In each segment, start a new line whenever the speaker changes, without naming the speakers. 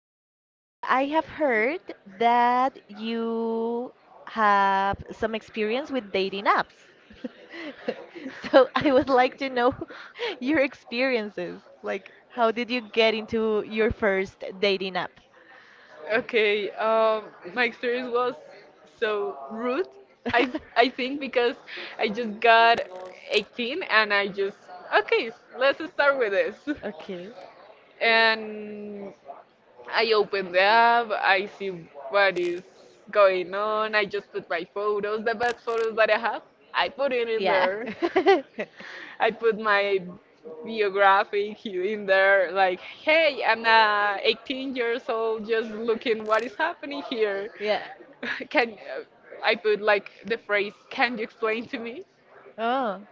Okay, so I have heard that you have some experience with dating apps. So I would like to know your experiences. Like, how did you get into your first dating app?
Okay, um, my experience was so rude. I think because I just got 18, and I just okay, let's start with this.
Okay.
And I open the app. I see what is going on. I just put my photos, the best photos that I have. I put it in
There.
there. I put my biography here in there, like, hey, I'm 18 years old, just looking what is happening here.
Here, yeah.
Can I put like the phrase, can you explain to me?
Oh,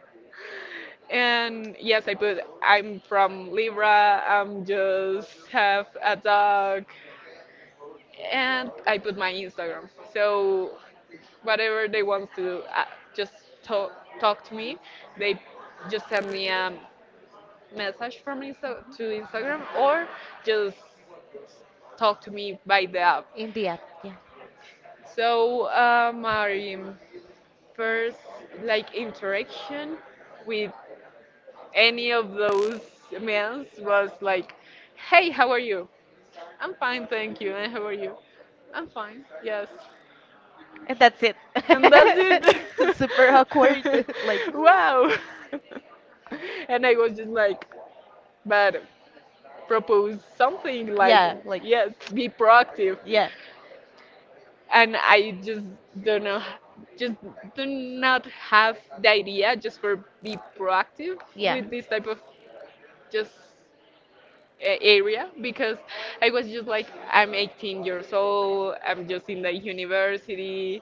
And yes, I put, I'm from Libra, I'm just have a dog, and I put my Instagram. So whatever they want to just talk, talk to me, they just send me a message from to Instagram or just talk to me by the app.
in the app. Yeah.
So my first like interaction with any of those men was like, "Hey, how are you? I'm fine, thank you. And how are you? I'm fine. Yes."
And that's it. That's
And that's
it. Super
it.
awkward. like, mm.
Wow. And I was just like, but propose something like yes be proactive,
yeah.
and I just don't know just do not have the idea just for be proactive
Yeah.
with this type of just area because I was just like, I'm 18 years old, I'm just in the university,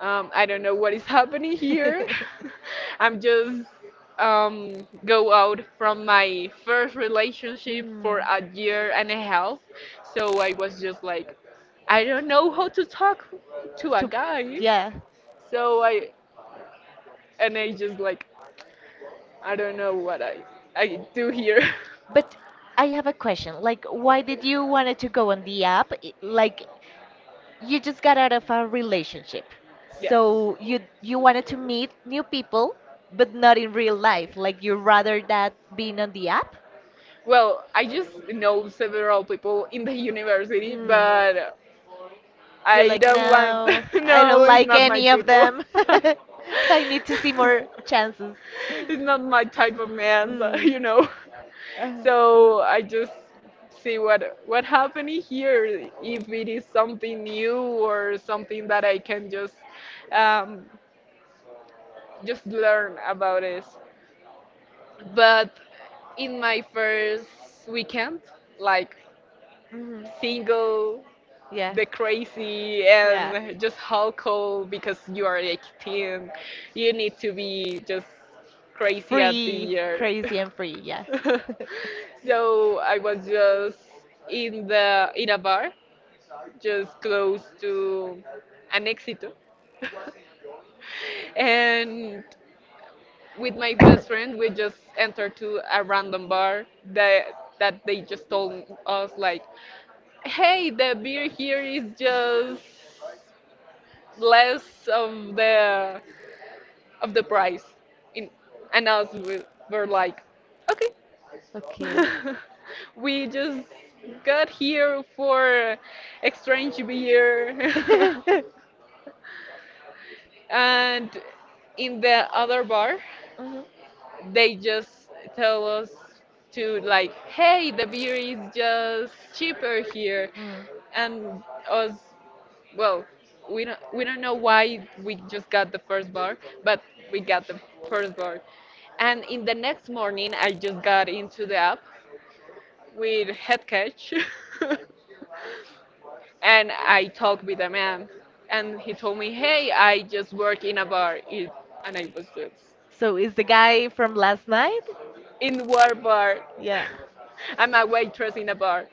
I don't know what is happening here. I'm just go out from my first relationship for
Mm.
a year and a half, so I was just like, I don't know how to talk to a
To,
guy,
yeah.
so I and I just like, I don't know what I do here.
But I have a question. Like, why did you wanted to go on the app? Like, you just got out of a relationship,
Yeah.
so you wanted to meet new people, but not in real life. Like, you rather that being on the app?
Well, I just know several people in the university,
Mm.
but I
Want
don't want.
no, them. I don't.
No,
It's
it's
like not my
not my
any of type.
people.
Them. I need to see more chances. It's
It's not my type of man, so, you know.
know?
So I just see what happening here. If it is something new or something that I can um, just learn about it. But in my first weekend, like
Hmm.
single, the crazy, and just alcohol because you are 18, you need to be just crazy at the
Free,
year.
crazy and free, yeah.
So I was just in the in a bar, just close to an exit, and with my best friend, we just entered to a random bar that that they just told us like, "Hey, the beer here is just less of the price." In and us we were like, "Okay."
Okay.
We just got here for exchange beer. And in the other bar,
Mhm.
they just tell us to like, hey, the beer is just cheaper here,
Mm.
and us, well, we don't know why we just got the first bar, but we got the first bar, and in the next morning I just got into the app with head catch. And I talked with a man, and he told me, "Hey, I just work in a bar," it, and I was just
So is the guy from last night?
in what bar?
Yeah.
I'm a waitress in a bar.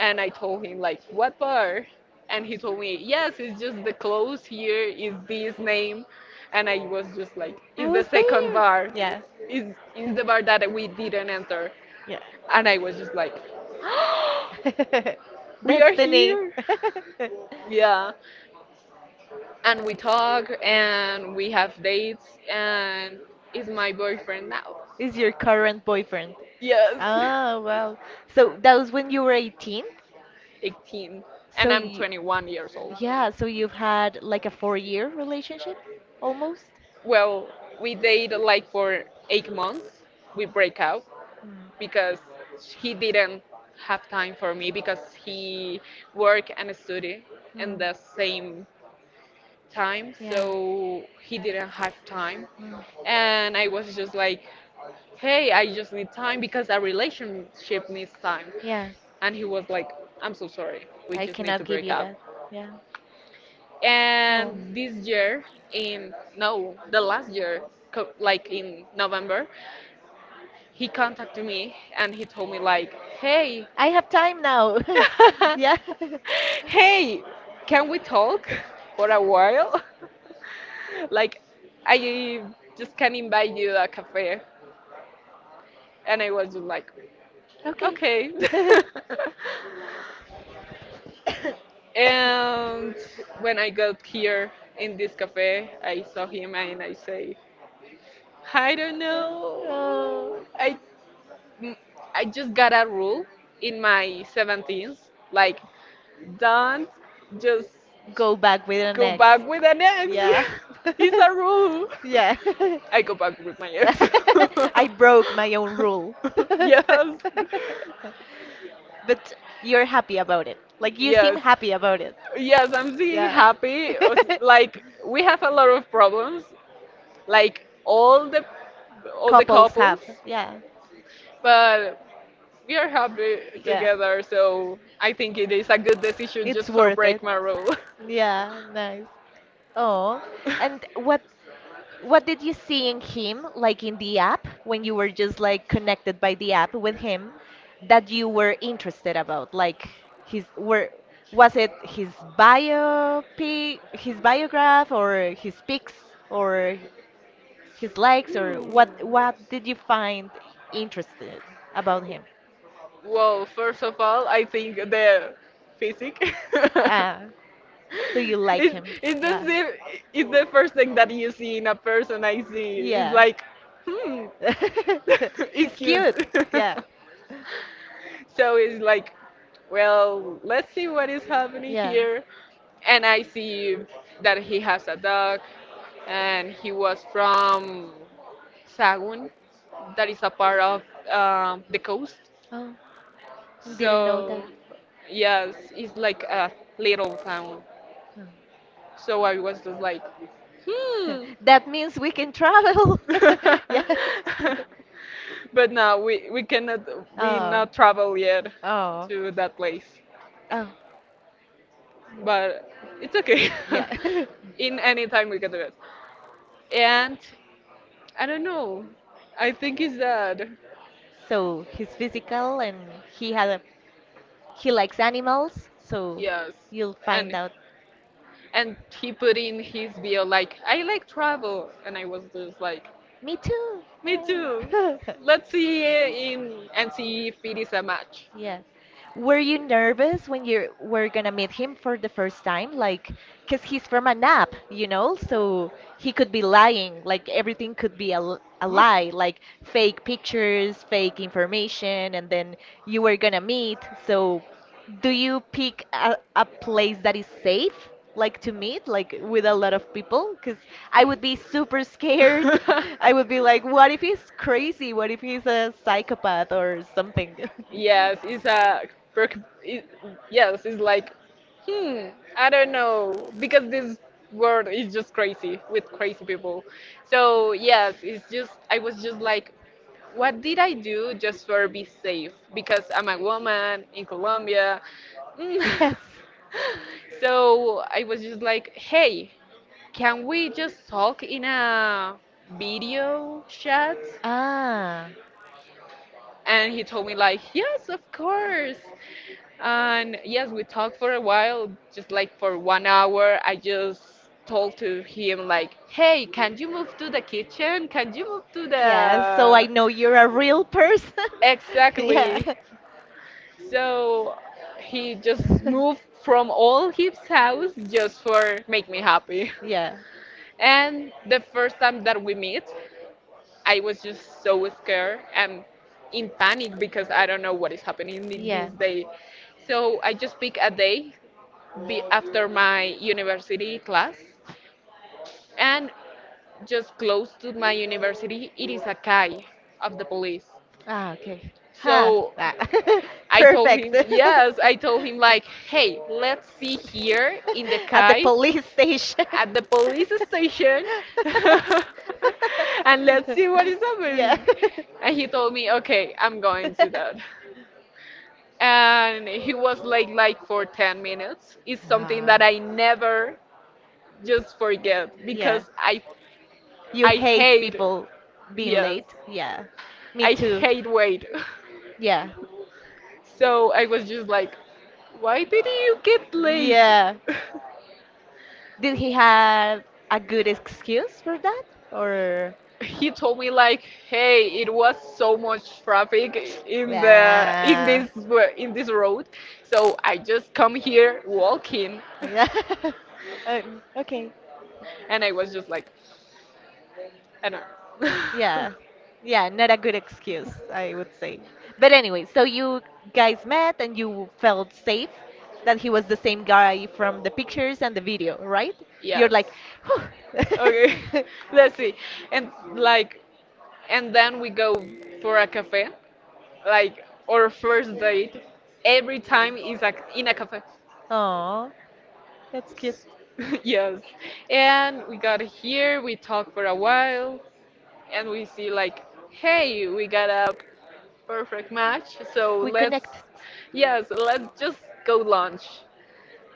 And I told him, like, what bar? And he told me, yes, it's just the clothes here is this name. And I was just like,
I
it's the
was
second
there.
bar.
Yeah.
It's the bar that we didn't enter.
Yeah.
And I was just like, we are
Destiny.
here. Yeah. And we talk and we have dates. And is my boyfriend now.
Is your current boyfriend.
Yes.
Oh, wow. So that was when you were 18?
18. And
So
I'm
you,
21 years old.
yeah, so you've had like a four-year relationship almost?
Well, we dated like for 8 months. We break up
Mm.
because he didn't have time for me because he work and study in
Mm.
the same time,
Yeah.
so he didn't have time.
Mm.
And I was just like, hey, I just need time because a relationship needs time.
Yeah.
And he was like, I'm so sorry. We
I
just need
cannot
to
give
break
you
up.
that. Yeah. Oh.
And this year in no the last year like in November he contacted me and he told me like hey
I have time now. Yeah.
hey can we talk for a while like I just can invite you a cafe and I was just like
Okay.
okay. And when I got here in this cafe I saw him and I say I don't
Oh.
know. Mm, I just got a rule in my 17s, like don't just
Go back with an
go
ex.
back with an ex.
Yeah.
It's a rule.
Yeah.
I go back with my ex.
I broke my own rule.
Yes.
But you're happy about it. Like you seem
Yes.
happy about it.
Yes, I'm still
Yeah.
happy. Like we have a lot of problems, like all the
Couples
couples,
have. Yeah.
but we are happy
Yeah.
together, so I think it is a good decision
It's
just for
worth it.
break my rule.
Yeah, nice. Oh, and what. What did you see in him, like in the app, when you were just like connected by the app with him, that you were interested about? Like his were was it his biopic, his biograph, or his pics, or his likes, or what? What did you find interested about him?
Well, first of all, I think the physics.
Ah, so you like
it's,
him,
it's
yeah.
the same, it's the first thing that you see in a person I see. It's
Yeah.
like, hmm, it's
He's
cute.
cute. Yeah.
So it's like, well, let's see what is happening
Yeah.
here. And I see that he has a dog, and he was from Sagun, that is a part of the coast.
Oh, didn't know
So,
that.
yes, it's like a little town.
Oh.
So I was just like, hmm.
That means we can travel. Yeah.
But no, we cannot, we
Oh.
not travel yet
Oh.
to that place.
Oh.
But it's okay.
Yeah.
In any time we can do it. And I don't know. I think it's that.
So he's physical and he had a he likes animals, so yeah,
Yes.
you'll find
And
out.
and he put in his bio like I like travel and I was just like
Me too.
me too.
Yeah.
Let's see in and see if it is a match.
Yes. Were you nervous when you were gonna meet him for the first time? Like, 'cause he's from a nap, so he could be lying. Like, everything could be a, a lie, like fake pictures, fake information, and then you were gonna meet. So, do you pick a place that is safe, like to meet, like with a lot of people? Because I would be super scared. I would be like, what if he's crazy? What if he's a psychopath or something?
Yes, it's a perk. It, yes, it's like, hmm, I don't know, because this world is just crazy with crazy people. So yes, it's just I was just like, what did I do just for be safe? Because I'm a woman in Colombia. Mm.
Yes.
So I was just like, hey, can we just talk in a video chat?
Ah.
And he told me like, yes, of course. And yes, we talked for a while, just like for 1 hour. I just told to him like, "Hey, can you move to the kitchen? Can you move to
So I
the?"
know you're a real person. yeah.
Exactly. So he just moved from all his house just for make me happy.
yeah.
And the first time that we meet, I was just so scared and in panic because I don't know what is happening in this
Yeah.
day. So I just pick a day be after my university class. And just close to my university, it is a CAI of the police.
Ah, okay. Huh.
So
That.
I told him,
Perfect.
yes, I told him, like, hey, let's see here in the
At the
kai
police station.
at the police station and let's see what is
Yeah.
happening. And he told me, okay, I'm going to that. And he was late like for 10 minutes. It's something
Ah.
that I never just forget
Yeah.
because
You
I
hate
hate,
people being
yes,
late? Yeah. Me
I
too.
hate wait.
Yeah.
So I was just like, why did you get late?
Yeah. Did he have a good excuse for that? Or.
He told me like, hey, it was so much traffic in the
Yeah.
in this road, so I just come here walking,
Yeah. Okay.
and I was just like, I don't know.
Yeah. Yeah, not a good excuse, I would say. But anyway, so you guys met and you felt safe that he was the same guy from the pictures and the video, right? You're
Yes.
like, whew.
Okay, let's see. And like, and then we go for a cafe like our first date every time is in a cafe.
Oh, that's cute.
Yes, and we got here we talked for a while and we see like hey we got a perfect match so
We
let's
connected.
yes let's just go lunch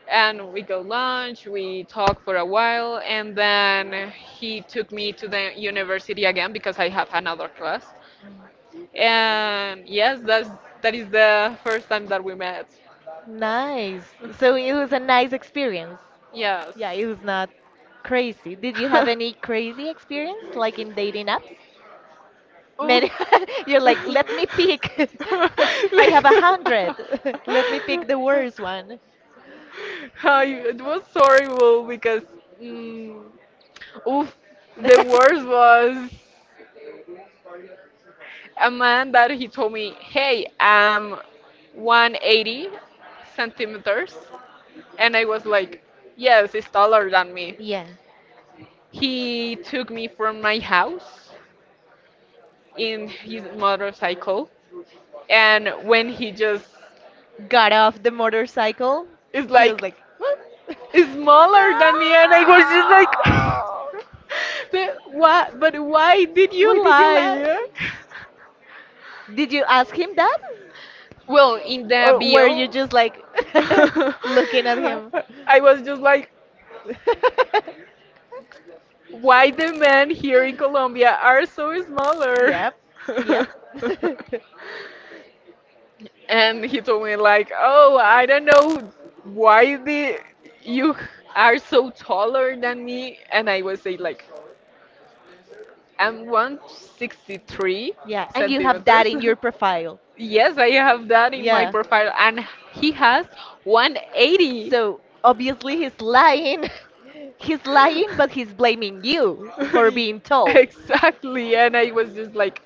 and we go lunch we talk for a while and then he took me to the university again because I have another class and yes that's that is the first time that we met.
Nice. So it was a nice experience.
Yes.
Yeah, it was not crazy. Did you have any crazy experience like in dating apps?
Oh.
Many, you're like, let me pick. I have a
Like,
hundred. Let me pick the worst one.
I, it was horrible because mm, oof, the worst was a man that he told me, "Hey, I'm 180 centimeters," and I was like, "Yes, it's taller than me."
Yeah.
He took me from my house in his motorcycle, and when he just
Got off the motorcycle.
is
He was
like
like, what? No!
smaller than me, and I was just like, but why? But why did
Why
you
did you let?
lie?
Did you ask him that?
Well, in the
Or were you
bio,
just like looking at him?
I was just like, why the men here in Colombia are so smaller?
Yep, yep.
And he told me like, "Oh, I don't know why the you are so taller than me." And I was say like, "I'm 163
yeah, and you have that
centimeters."
in your profile.
Yes, I have that in my
Yeah.
profile, and he has 180.
So obviously he's lying. He's lying, but he's blaming you for being told.
Exactly, and I was just like,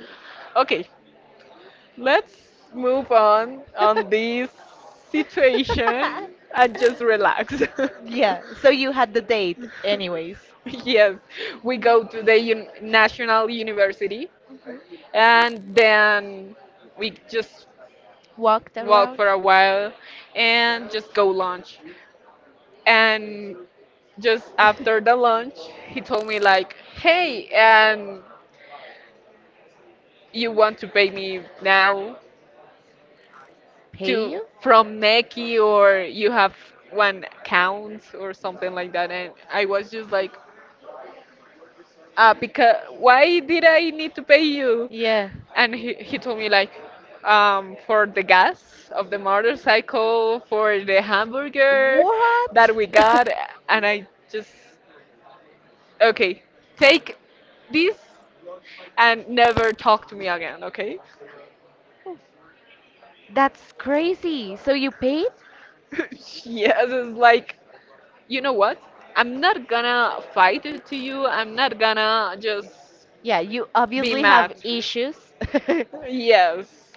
"Okay, let's move on this situation and just relax.
Yeah, so you had the date anyways.
Yes, we go to the un National University
Mhm.
and then we just
Walked
walk
around.
for a while and just go lunch. And just after the lunch, he told me like, "Hey, and you want to pay me now?"
Pay
To
you?
from Neki or you have one count or something like that and I was just like ah because why did I need to pay you
Yeah.
and he told me like for the gas of the motorcycle for the hamburger that
What?
we got and I just okay take this and never talk to me again okay.
That's crazy. So you paid?
Yes it's like you know what? I'm not gonna fight it to you. I'm not gonna just
Yeah, you
be
obviously
mad.
have issues.
Yes.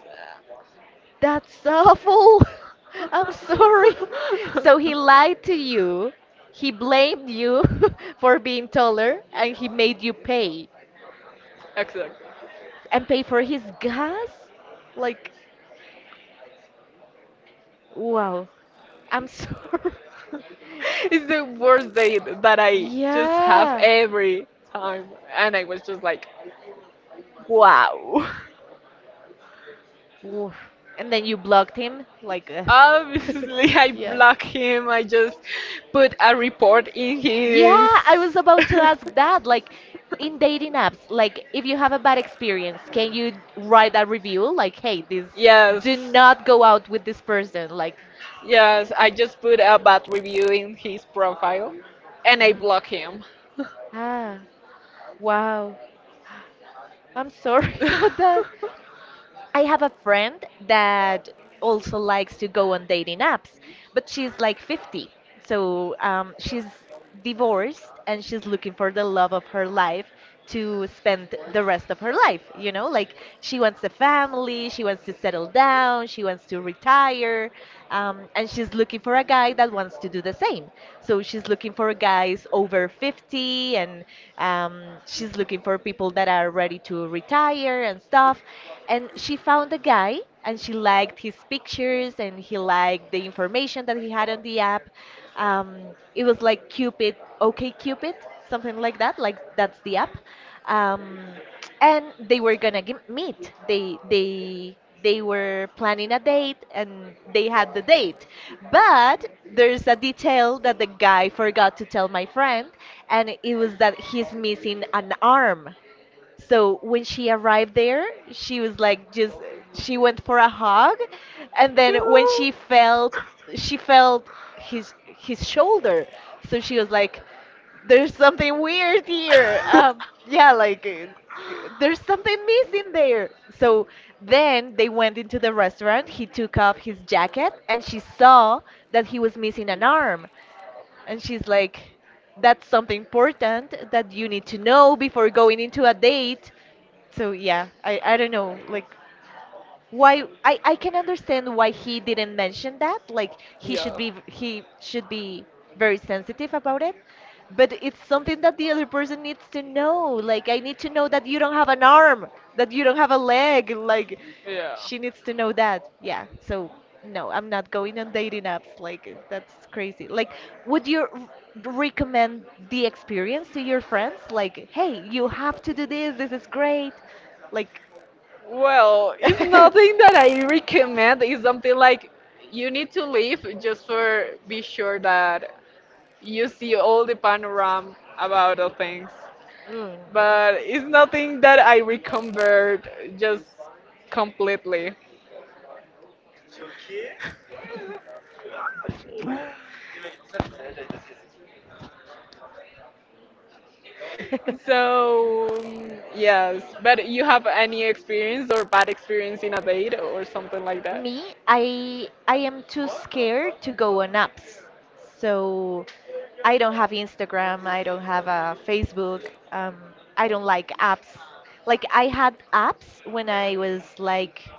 That's awful. I'm sorry. So he lied to you. He blamed you for being taller and he made you pay
Exactly.
and pay for his gas? Like, wow. I'm sorry.
It's the worst date that I just have
Yeah.
every time. And I was just like, wow.
Oof. And then you blocked him? Like,
Obviously, I
yeah.
block him. I just put a report in his.
Yeah, I was about to ask that. Like in dating apps, like if you have a bad experience, can you write a review? Like, hey, this
Yes.
do not go out with this person. Like,
Yes, I just put a bad review in his profile and I
ah,
block him.
ah, wow. I'm sorry about that. I have a friend that also likes to go on dating apps, but she's like 50. So she's divorced and she's looking for the love of her life to spend the rest of her life. You know, like she wants a family, she wants to settle down, she wants to retire, and she's looking for a guy that wants to do the same. So she's looking for guys over 50 and she's looking for people that are ready to retire and stuff. And she found a guy and she liked his pictures and he liked the information that he had on the app. Um, it was like Cupid, OK Cupid, something like that. Like that's the app. Um, and they were gonna meet. They they were planning a date and they had the date. But there's a detail that the guy forgot to tell my friend, and it was that he's missing an arm. So when she arrived there, she was like just she went for a hug, and then when
No.
she felt his shoulder, so she was like, "There's something weird here." Yeah, there's something missing there. So then they went into the restaurant. He took off his jacket, and she saw that he was missing an arm. And she's like, that's something important that you need to know before going into a date. So yeah, I don't know, like why I can understand why he didn't mention that like
Yeah.
he should be very sensitive about it, but it's something that the other person needs to know. Like, I need to know that you don't have an arm, that you don't have a leg. Like,
Yeah.
she needs to know that, yeah. So no, I'm not going on dating apps. Like, that's crazy. Like, would you recommend the experience to your friends? Like, hey, you have to do this, this is great, like well, one thing that I recommend is
Well, it's nothing that I recommend. It's something like you need to leave just for be sure that you see all the panorama about the things.
mm, no.
But it's nothing that I recommend just completely.
completely. So
So, yes, but you have any experience or bad experience in a date or something like that?
me, I am too scared to go on apps. So I don't have Instagram, I don't have a Facebook. Um, I don't like apps. Like, I had apps when I was like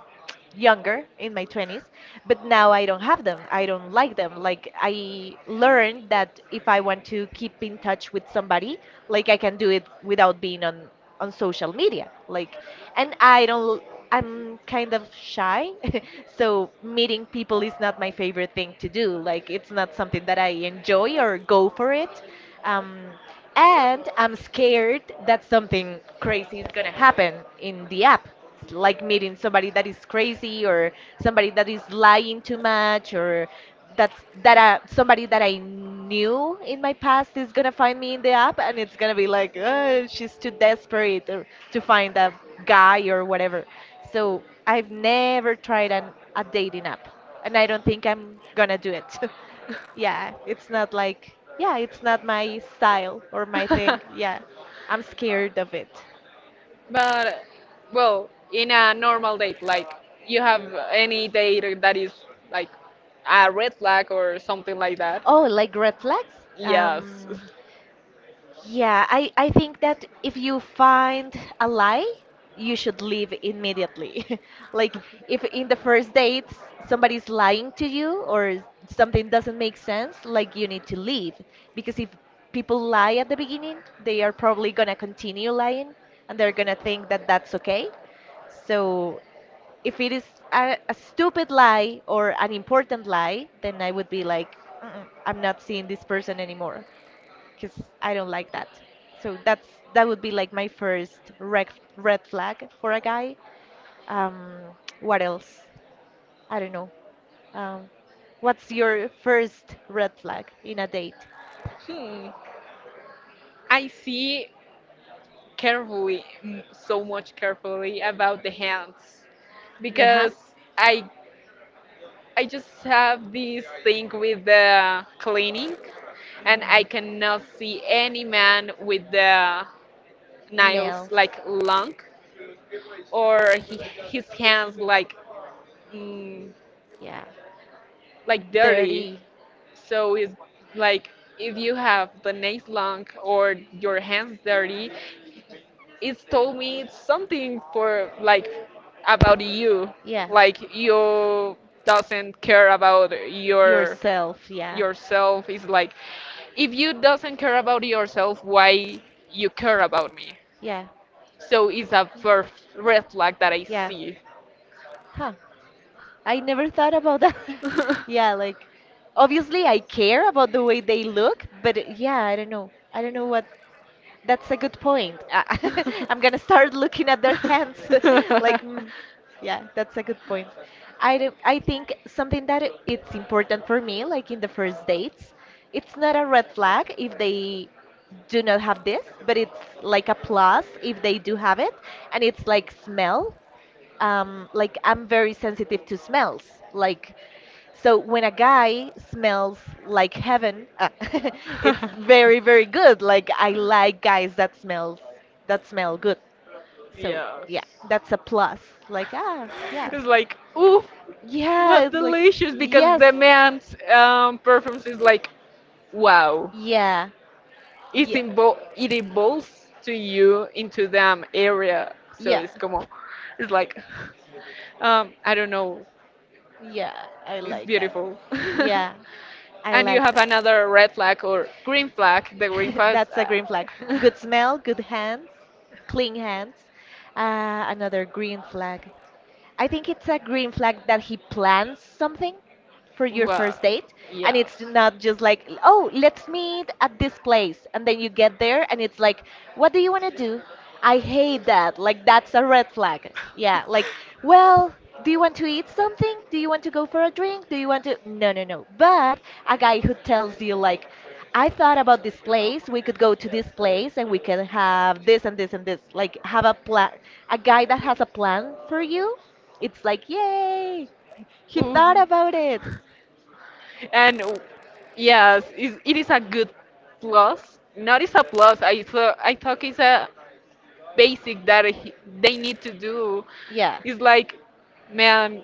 younger in my 20s, but now I don't have them, I don't like them. Like, I learned that if I want to keep in touch with somebody, like I can do it without being on social media. Like, and I don't, I'm kind of shy. So meeting people is not my favorite thing to do. Like, it's not something that I enjoy or go for it. um, and I'm scared that something crazy is going to happen in the app, like meeting somebody that is crazy, or somebody that is lying too much, or that's that somebody that I knew in my past is gonna find me in the app and it's gonna be like, oh, she's too desperate or, to find a guy or whatever. So I've never tried a dating app, and I don't think I'm gonna do it. Yeah, it's not like yeah, it's not my style or my thing. Yeah, I'm scared of it.
But, well, in a normal date, like you have any date that is like a red flag or something like that?
Oh, like red flags?
Yes.
Yeah, I think that if you find a lie, you should leave immediately. Like, if in the first date somebody's lying to you or something doesn't make sense, like you need to leave. Because if people lie at the beginning, they are probably gonna continue lying, and they're gonna think that that's okay. So if it is a stupid lie or an important lie, then I would be like, "Mm-mm, I'm not seeing this person anymore because I don't like that. So that's that would be like my first red flag for a guy. Um, what else? I don't know. Um, what's your first red flag in a date?
Hmm. I see carefully, so much carefully about the hands
Your
because
hands,
I I just have this thing with the cleaning and I cannot see any man with the nails
nails,
like long or his hands like mm,
yeah,
like dirty.
dirty.
So it's like if you have the nails long or your hands dirty, it's told me something for like about you,
Yeah.
like you doesn't care about
Yourself, yeah.
yourself. It's like if you doesn't care about yourself, why you care about me?
Yeah.
So it's a first red flag that I
Yeah.
see.
Huh. I never thought about that. Yeah, like obviously I care about the way they look, but yeah, I don't know. I don't know what. That's a good point. I'm gonna start looking at their hands. Like, mm, yeah, that's a good point. I think something that it's important for me, like in the first dates, it's not a red flag if they do not have this, but it's like a plus if they do have it, and it's like smell. Like I'm very sensitive to smells. Like so when a guy smells like heaven, it's very good. Like I like guys that smell good. So yeah,
Yes.
that's a plus. Like ah yeah
It's like, oof,
yeah
what
it's like
delicious because
yes
the man's performance is like, wow.
yeah
It's
yeah
invo- it involves to you into them area. So
yeah
it's like, I don't know.
yeah I
It's
like that.
beautiful.
Yeah, I
And you
like
have another red flag or green flag. The green
that.
flag.
That's a green flag.
Uh,
Good smell, good hands, clean hands. Another green flag. I think it's a green flag that he plans something for your
well,
first date and
yeah.
it's not just like, "Oh, let's meet at this place." And then you get there and it's like, "What do you want to do?" I hate that. Like that's a red flag. Yeah, like, "Well, do you want to eat something? Do you want to go for a drink? Do you want to" No, no, no. But a guy who tells you like, I thought about this place. We could go to this place and we can have this and this and this. Like have a plan, a guy that has a plan for you, it's like, yay! He thought
Ooh.
about it.
And yes, it is a good plus. Not it's a plus. I thought it's a basic that they need to do.
Yeah.
It's like, man,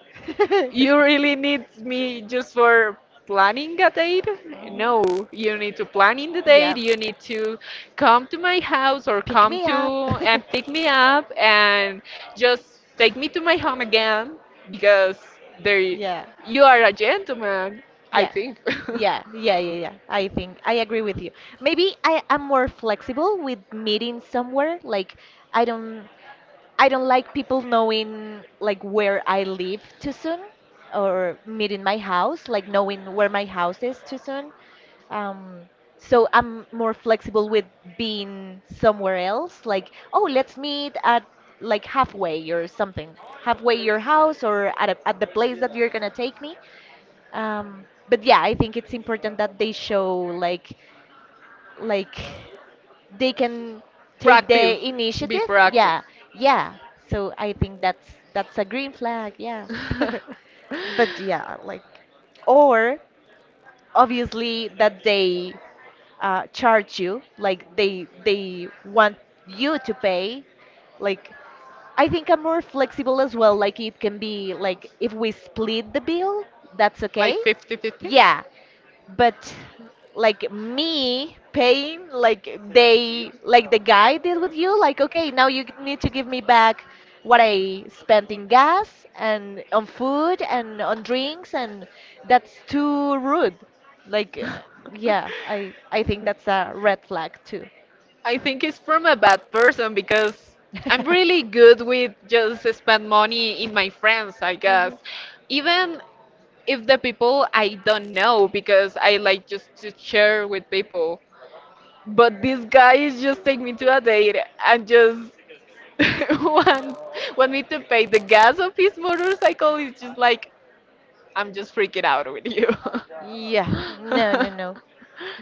you really need me just for planning a date?
Mhm.
No, you need to plan in the
Yeah.
date. You need to come to my house or
Pick
come
me
to
up.
and pick me up and just take me to my home again because there
Yeah.
you are a gentleman, I
Yeah.
think.
Yeah, yeah, yeah, yeah, I think I agree with you. Maybe I am more flexible with meeting somewhere. Like I don't I don't like people knowing like where I live too soon or meeting my house, like knowing where my house is too soon. Um, so I'm more flexible with being somewhere else, like, oh, let's meet at like halfway or something, halfway your house or at the place that you're gonna take me. But yeah, I think it's important that they show like they can take
Proactive.
the
Be
initiative.
proactive.
Yeah, yeah. So I think that's a green flag. Yeah. But yeah, like, or obviously that they charge you, like they want you to pay. Like I think I'm more flexible as well. Like it can be like if we split the bill, that's okay.
Like fifty-fifty. 50?
Yeah, but like me paying like they like the guy did with you like okay now you need to give me back what I spent in gas and on food and on drinks and that's too rude. Like yeah, i i think that's a red flag too.
I think it's from a bad person because I'm really good with just spend money in my friends, I guess.
Mhm.
Even if the people I don't know because I like just to share with people. But this guy is just take me to a date and just want want me to pay the gas of his motorcycle. It's just like I'm just freaking out with you.
Yeah, no, no, no.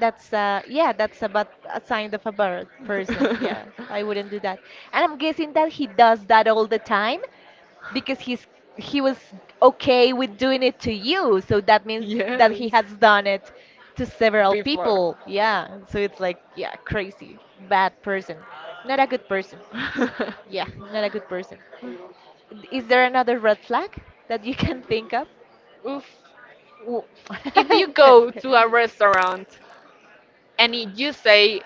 That's yeah, that's about a sign of a bad person. Yeah, I wouldn't do that. And I'm guessing that he does that all the time because he was okay with doing it to you. So that means that he has done it to several people. Yeah. So it's like, yeah, crazy, bad person. Not a good person.
Like
Yeah, not a good person. Is there another red flag that you can think of?
oof. W- If you go to a restaurant and you say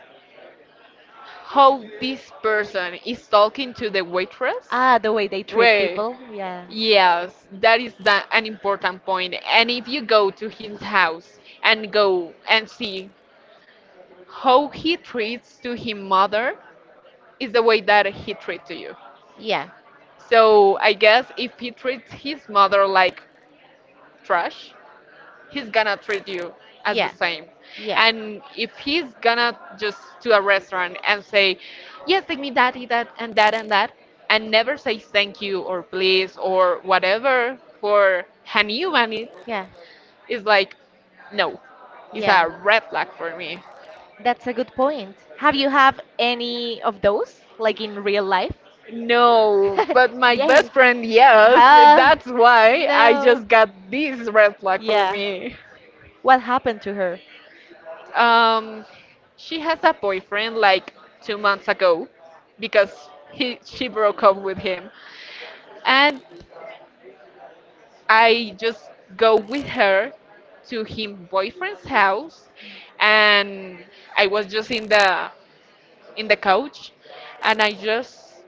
how this person is talking to the waitress,
Ah, the way they treat
wait,
people. Yeah.
yes, that is an important point. And if you go to his house and go and see how he treats to his mother, is the way that he treats to you.
Yeah.
So I guess if he treats his mother like trash, he's gonna treat you as, yeah, the
Yeah,
same.
yeah.
And if he's gonna just to a restaurant and say, "Yes, take me that, eat that, and that and that," and never say thank you or please or whatever for an human,
Yeah,
it's like, no, it's
yeah.
a red flag for me.
That's a good point. Have you have any of those, like in real life?
No, but my
Yeah.
best friend, yes.
Ah,
That's why I
no.
just got this red flag for
Yeah.
me.
What happened to her?
Um, she has a boyfriend like 2 months ago because he she broke up with him, and I just go with her to him boyfriend's house, and I was just in the couch, and I just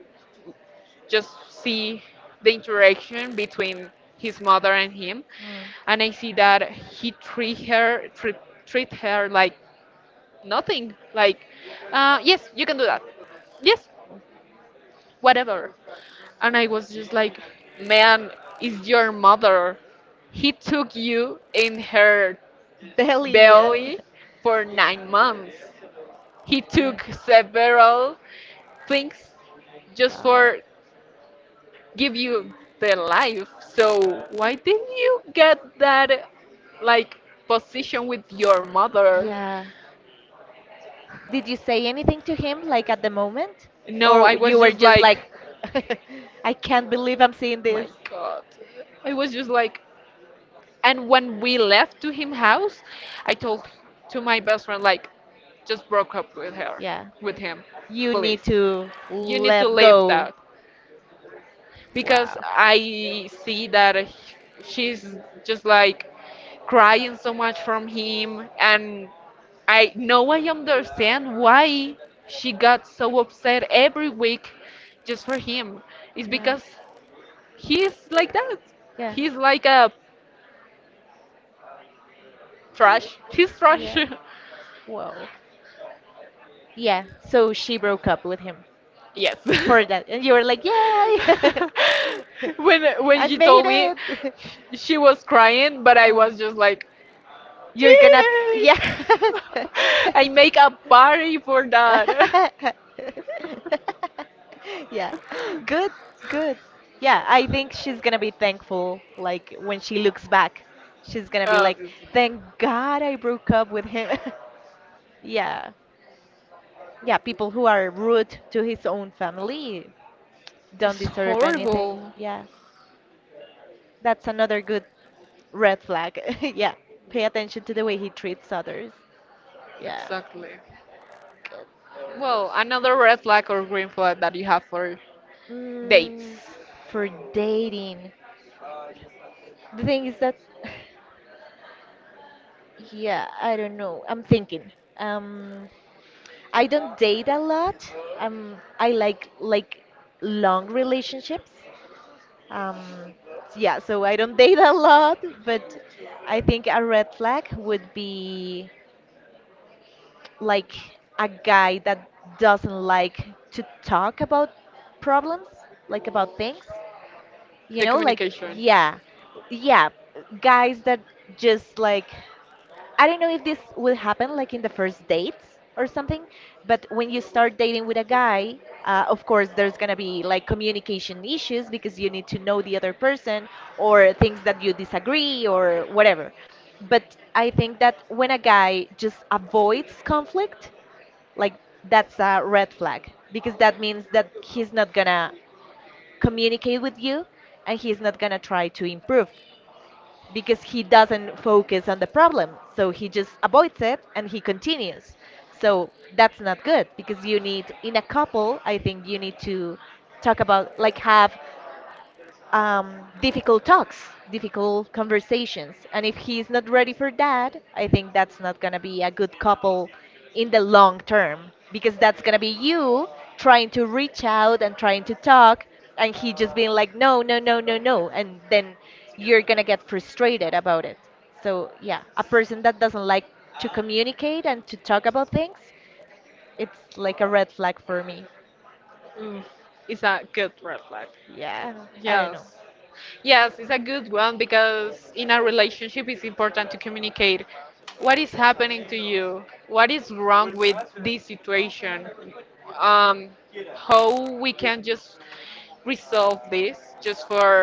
just see the interaction between his mother and him,
Mm.
and I see that he treat her treat, treat her like nothing, like yes, you can do that, yes, whatever. And I was just like, man, is your mother. He took you in her
Belly, yeah.
belly for 9 months. He
Yeah.
took several things just
Wow.
for
Give you
give you
the
the
life.
life. So
So when
why
did
didn't
you
you
get
get
that like
that like
position
position with
with your
your
mother?
mother?
Yeah. Did you say anything to him, like at the moment?
No, I
Or you
was
were
just
just like,
like,
I can't believe I'm seeing
my
this?
God, I was just like. And when we left to him house, I told to my best friend like, just broke up
Yeah.
with him,
You
please.
need to
You need to
let
leave
go.
that. Because
Wow.
I see that she's just like crying so much from him, and I understand why she got so upset every week just for him. It's
Yeah.
because he's like that.
Yeah.
He's like a trash. He's trash.
Yeah. Whoa. Yeah, so she broke up with him
Yes.
for that. And you were like, yay!
when
I
when she
made
told me,
it!
she was crying, but I
Oh.
was just like,
You're gonna,
yay!
yeah.
I make a party for that.
Yeah. Good,
Good.
good. Yeah, I think she's gonna be thankful. Like, when she looks back, she's gonna
Like,
be like,
obviously.
thank God I broke up with him. Yeah. Yeah, people who are rude to his own family, don't
It's
deserve anything.
horrible.
Yeah, that's another good red flag. Yeah, pay attention to the way he treats others. Yeah.
Exactly. Well, another red flag or green flag that you have for dates.
Mm, for dating, the thing is that, yeah, I don't know. I'm thinking. Um, I don't date a lot. I like long relationships. Um, yeah, so I don't date a lot, but I think a red flag would be like a guy that doesn't like to talk about problems, like about things. You
The
know, like
communication.
yeah, yeah, guys that just like I don't know if this will happen like in the first dates or something, but when you start dating with a guy, of course there's gonna be like communication issues because you need to know the other person or things that you disagree or whatever. But I think that when a guy just avoids conflict, like that's a red flag because that means that he's not gonna communicate with you and he's not gonna try to improve because he doesn't focus on the problem so he just avoids it and he continues. So that's not good because you need in a couple I think you need to talk about like have difficult talks, difficult conversations. And if he's not ready for that, I think that's not going to be a good couple in the long term because that's going to be you trying to reach out and trying to talk and he just being like, no, no, no, no, no. And then you're going to get frustrated about it. So,
Yeah.
yeah, a person that
a
doesn't like to communicate and to talk about things, it's like a red flag for me.
Mm, it's a good red flag.
Yeah, I don't know.
Yes. Yes, it's a good one because in a relationship it's important to communicate what is happening to you, what is wrong with this situation, um, how we can just resolve this just for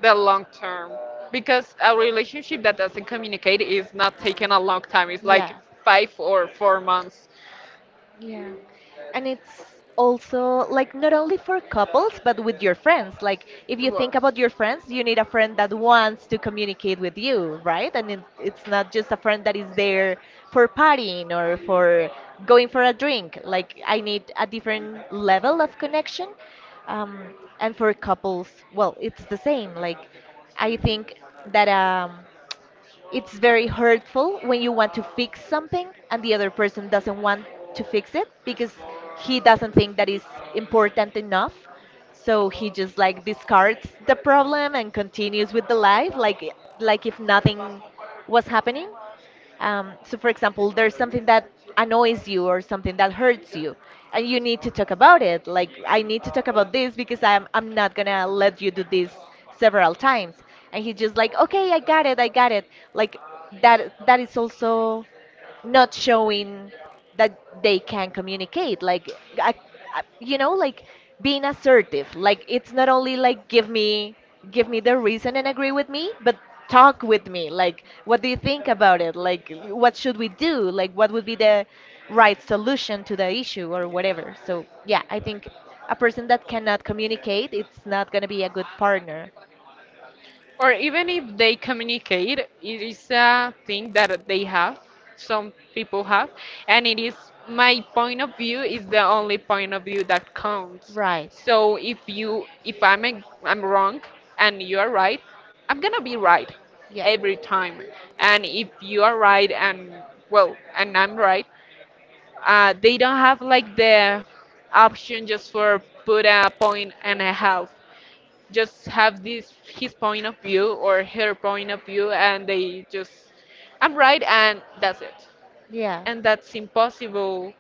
the long term. Because a relationship that doesn't communicate is not taking a long time, it's like
Yeah.
5 or 4 months.
Yeah. And it's also like not only for couples, but with your friends. Like if you
Whoa.
think about your friends, you need a friend that wants to communicate with you, right? And it's not just a friend that is there for partying or for going for a drink. Like I need a different level of connection. Um, and for couples, well, it's the same. Like I think that it's very hurtful when you want to fix something and the other person doesn't want to fix it because he doesn't think that is important enough. So he just like discards the problem and continues with the life like if nothing was happening. So, for example, there's something that annoys you or something that hurts you, and you need to talk about it. Like, I need to talk about this because I'm not gonna let you do this several times. And he's just like, okay, I got it. Like, that is also not showing that they can communicate like I you know like being assertive. Like it's not only like give me the reason and agree with me but talk with me like what do you think about it, like what should we do, like what would be the right solution to the issue or whatever. So yeah, I think a person that cannot communicate, it's not going to be a good partner.
Or even if they communicate, it is a thing that they have, some people have, and it is my point of view is the only point of view that counts.
Right.
So if I'm wrong and you're right, I'm gonna be right
Yeah.
every time. And if you are right and well and I'm right, they don't have like the option just for put a point and a half, just have this his point of view or her point of view, and they just, I'm right and that's it.
Yeah.
And that's impossible.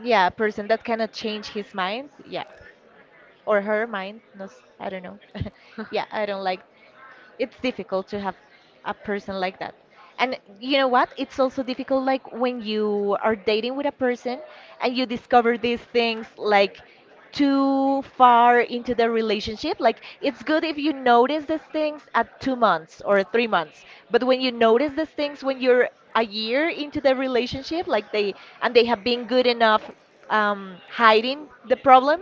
Yeah, a person that cannot change his mind. Yeah. Or her mind. No, I don't know. Yeah, I don't like it's difficult to have a person like that. And you know what? It's also difficult like when you are dating with a person and you discover these things like too far into the relationship. Like it's good if you notice these things at 2 months or 3 months. But when you notice these things when you're a year into the relationship, like they and they have been good enough hiding the problem,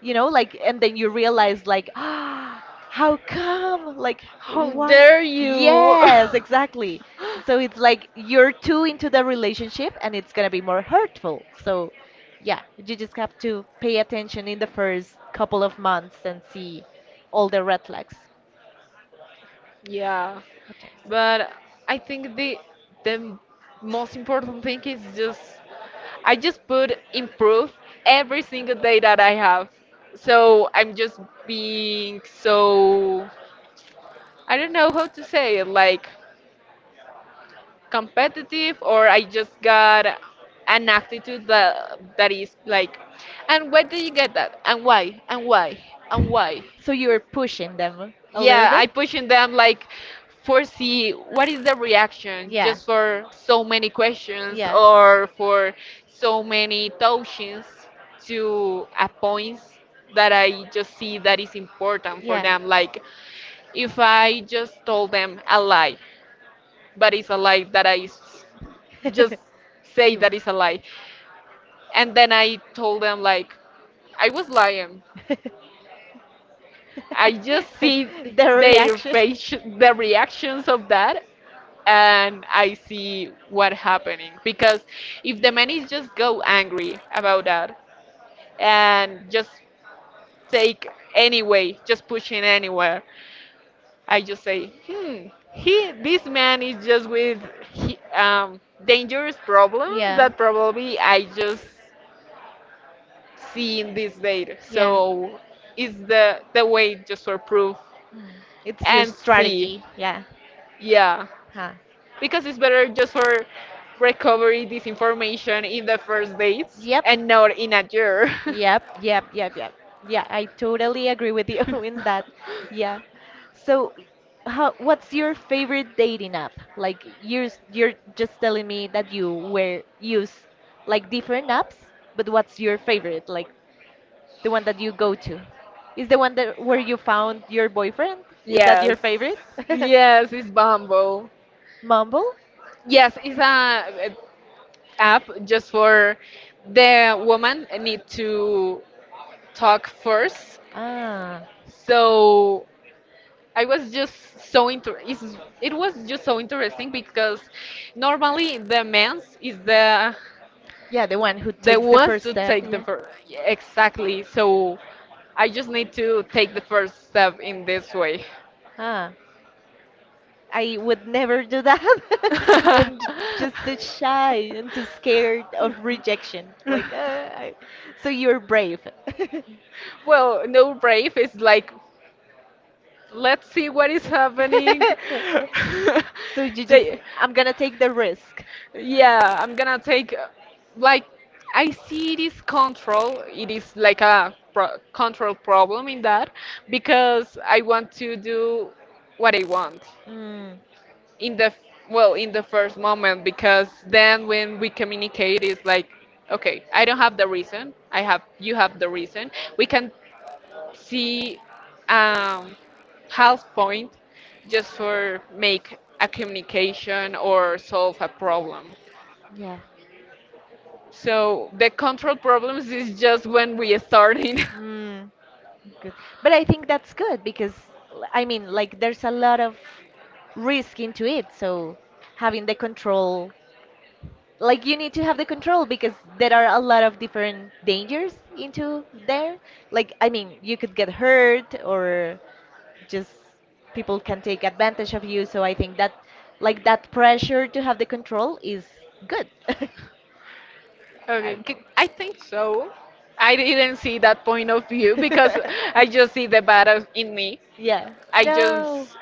you know like and then you realize like ah how come like
How
why
dare you?
yes exactly so it's like you're too into the relationship and it's going to be more hurtful. So yeah, you just have to pay attention in the first couple of months and see all the red flags.
Yeah,
What times?
but I think the most important thing is just I just put improve every single day that I have. So I'm just being so, I don't know how to say it, like competitive, or I just got an attitude that is like, and where did you get that? And why? And why? And why?
So you were pushing them a little
Yeah, I
bit?
pushing them like foresee what is the reaction
Yeah.
just for so many questions
Yeah.
or for so many touchings to a point that I just see that is important for
Yeah.
them. Like if I just told them a lie, but it's a lie that just say
You.
that it's a lie, and then I told them like I was lying. I just see
The
their
reaction.
face, the reactions of that, and I see what happening because if the man is just go angry about that and just take anyway, just pushing anywhere, I just say, hmm, he this man is just with he, um, dangerous problems
Yeah.
that probably I just see in this date.
Yeah.
So it's the way just for proof
Mm. It's your
and see,
strategy. Yeah.
yeah.
Huh.
Because it's better just for recovery this information in the first dates
Yep.
and not in a year.
Yep, yep, yep, yep. Yeah, I totally agree with you in that. Yeah. So, how, what's your favorite dating app? Like you're you're just telling me that you were use like different apps, but what's your favorite? Like the one that you go to? Is the one that where you found your boyfriend? Is that
Yes.
your favorite?
Yes, it's Bumble.
Mumble?
Yes, it's a app just for the woman need to talk first.
Ah.
So I was just so it was just so interesting because normally the men's is
Yeah, the one who
the
takes the
ones
first
to
step,
take the
yeah.
first, exactly, so I just need to take the first step in this way.
Ah. I would never do that. I'm j- just too shy and too scared of rejection. Like, I... so you're brave.
Well, no, brave is like let's see what is happening.
So you just,
They-
I'm gonna take the risk.
Yeah, I'm gonna take like, I see it is control. It is like a pro control problem in that because I want to do what I want
Mm,
in well, in the first moment, because then when we communicate it's like, okay, I don't have the reason, I have you have the reason, we can see um half point just for make a communication or solve a problem.
yeah.
So the control problems is just when we are starting.
Mm, good. But I think that's good because, I mean, like, there's a lot of risk into it. So having the control like you need to have the control because there are a lot of different dangers into there, like I mean you could get hurt or just people can take advantage of you. So I think that like that pressure to have the control is good. I
Okay,
don't know.
I think so. I didn't see that point of view because I just see the bad in me.
Yeah,
I
no,
just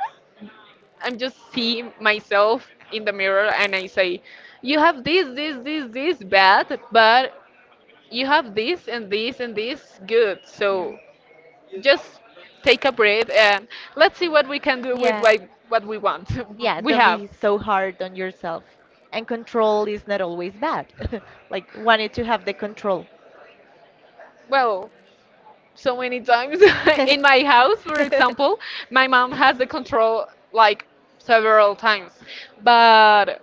I'm just see myself in the mirror and I say, you have this, this, this, this bad, but you have this and this and this good.
yeah,
So just take a breath and let's see what we can do with,
yeah.
like, what we want.
Yeah,
We
don't
have.
be so hard on yourself. And control is not always bad. Like wanted to have the control.
Well, so many times in my house, for example, my mom has the control like several times, but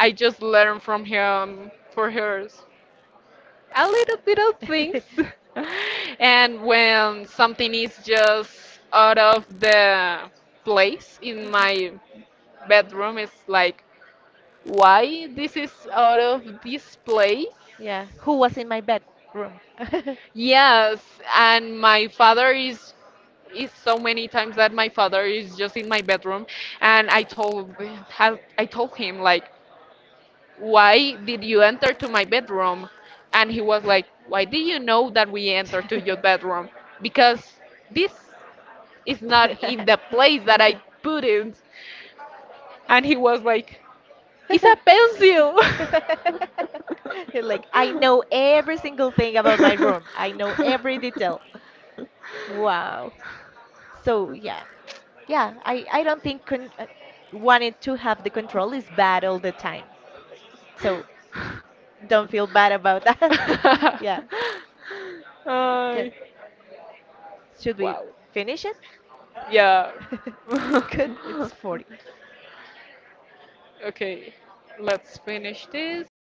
I just learn from him, for hers, a little things. And when something is just out of the place in my bedroom, it's like, why this is out of this place.
Yeah, who was in my bedroom?
Yes, and my father is so many times that my father is just in my bedroom, and I told have I told him like, why did you enter to my bedroom? And he was like, why do you know that we entered to your bedroom? Because this is not in the place that I put it. And he was like, it's a pencil.
You're like, I know every single thing about my room. I know every detail. Wow. So yeah, yeah. I don't think con wanting to have the control is bad all the time. So don't feel bad about that. Yeah. Good.
Ay.
Should we
Wow.
finish it?
Yeah.
Good. It's 40.
Okay. Let's finish this.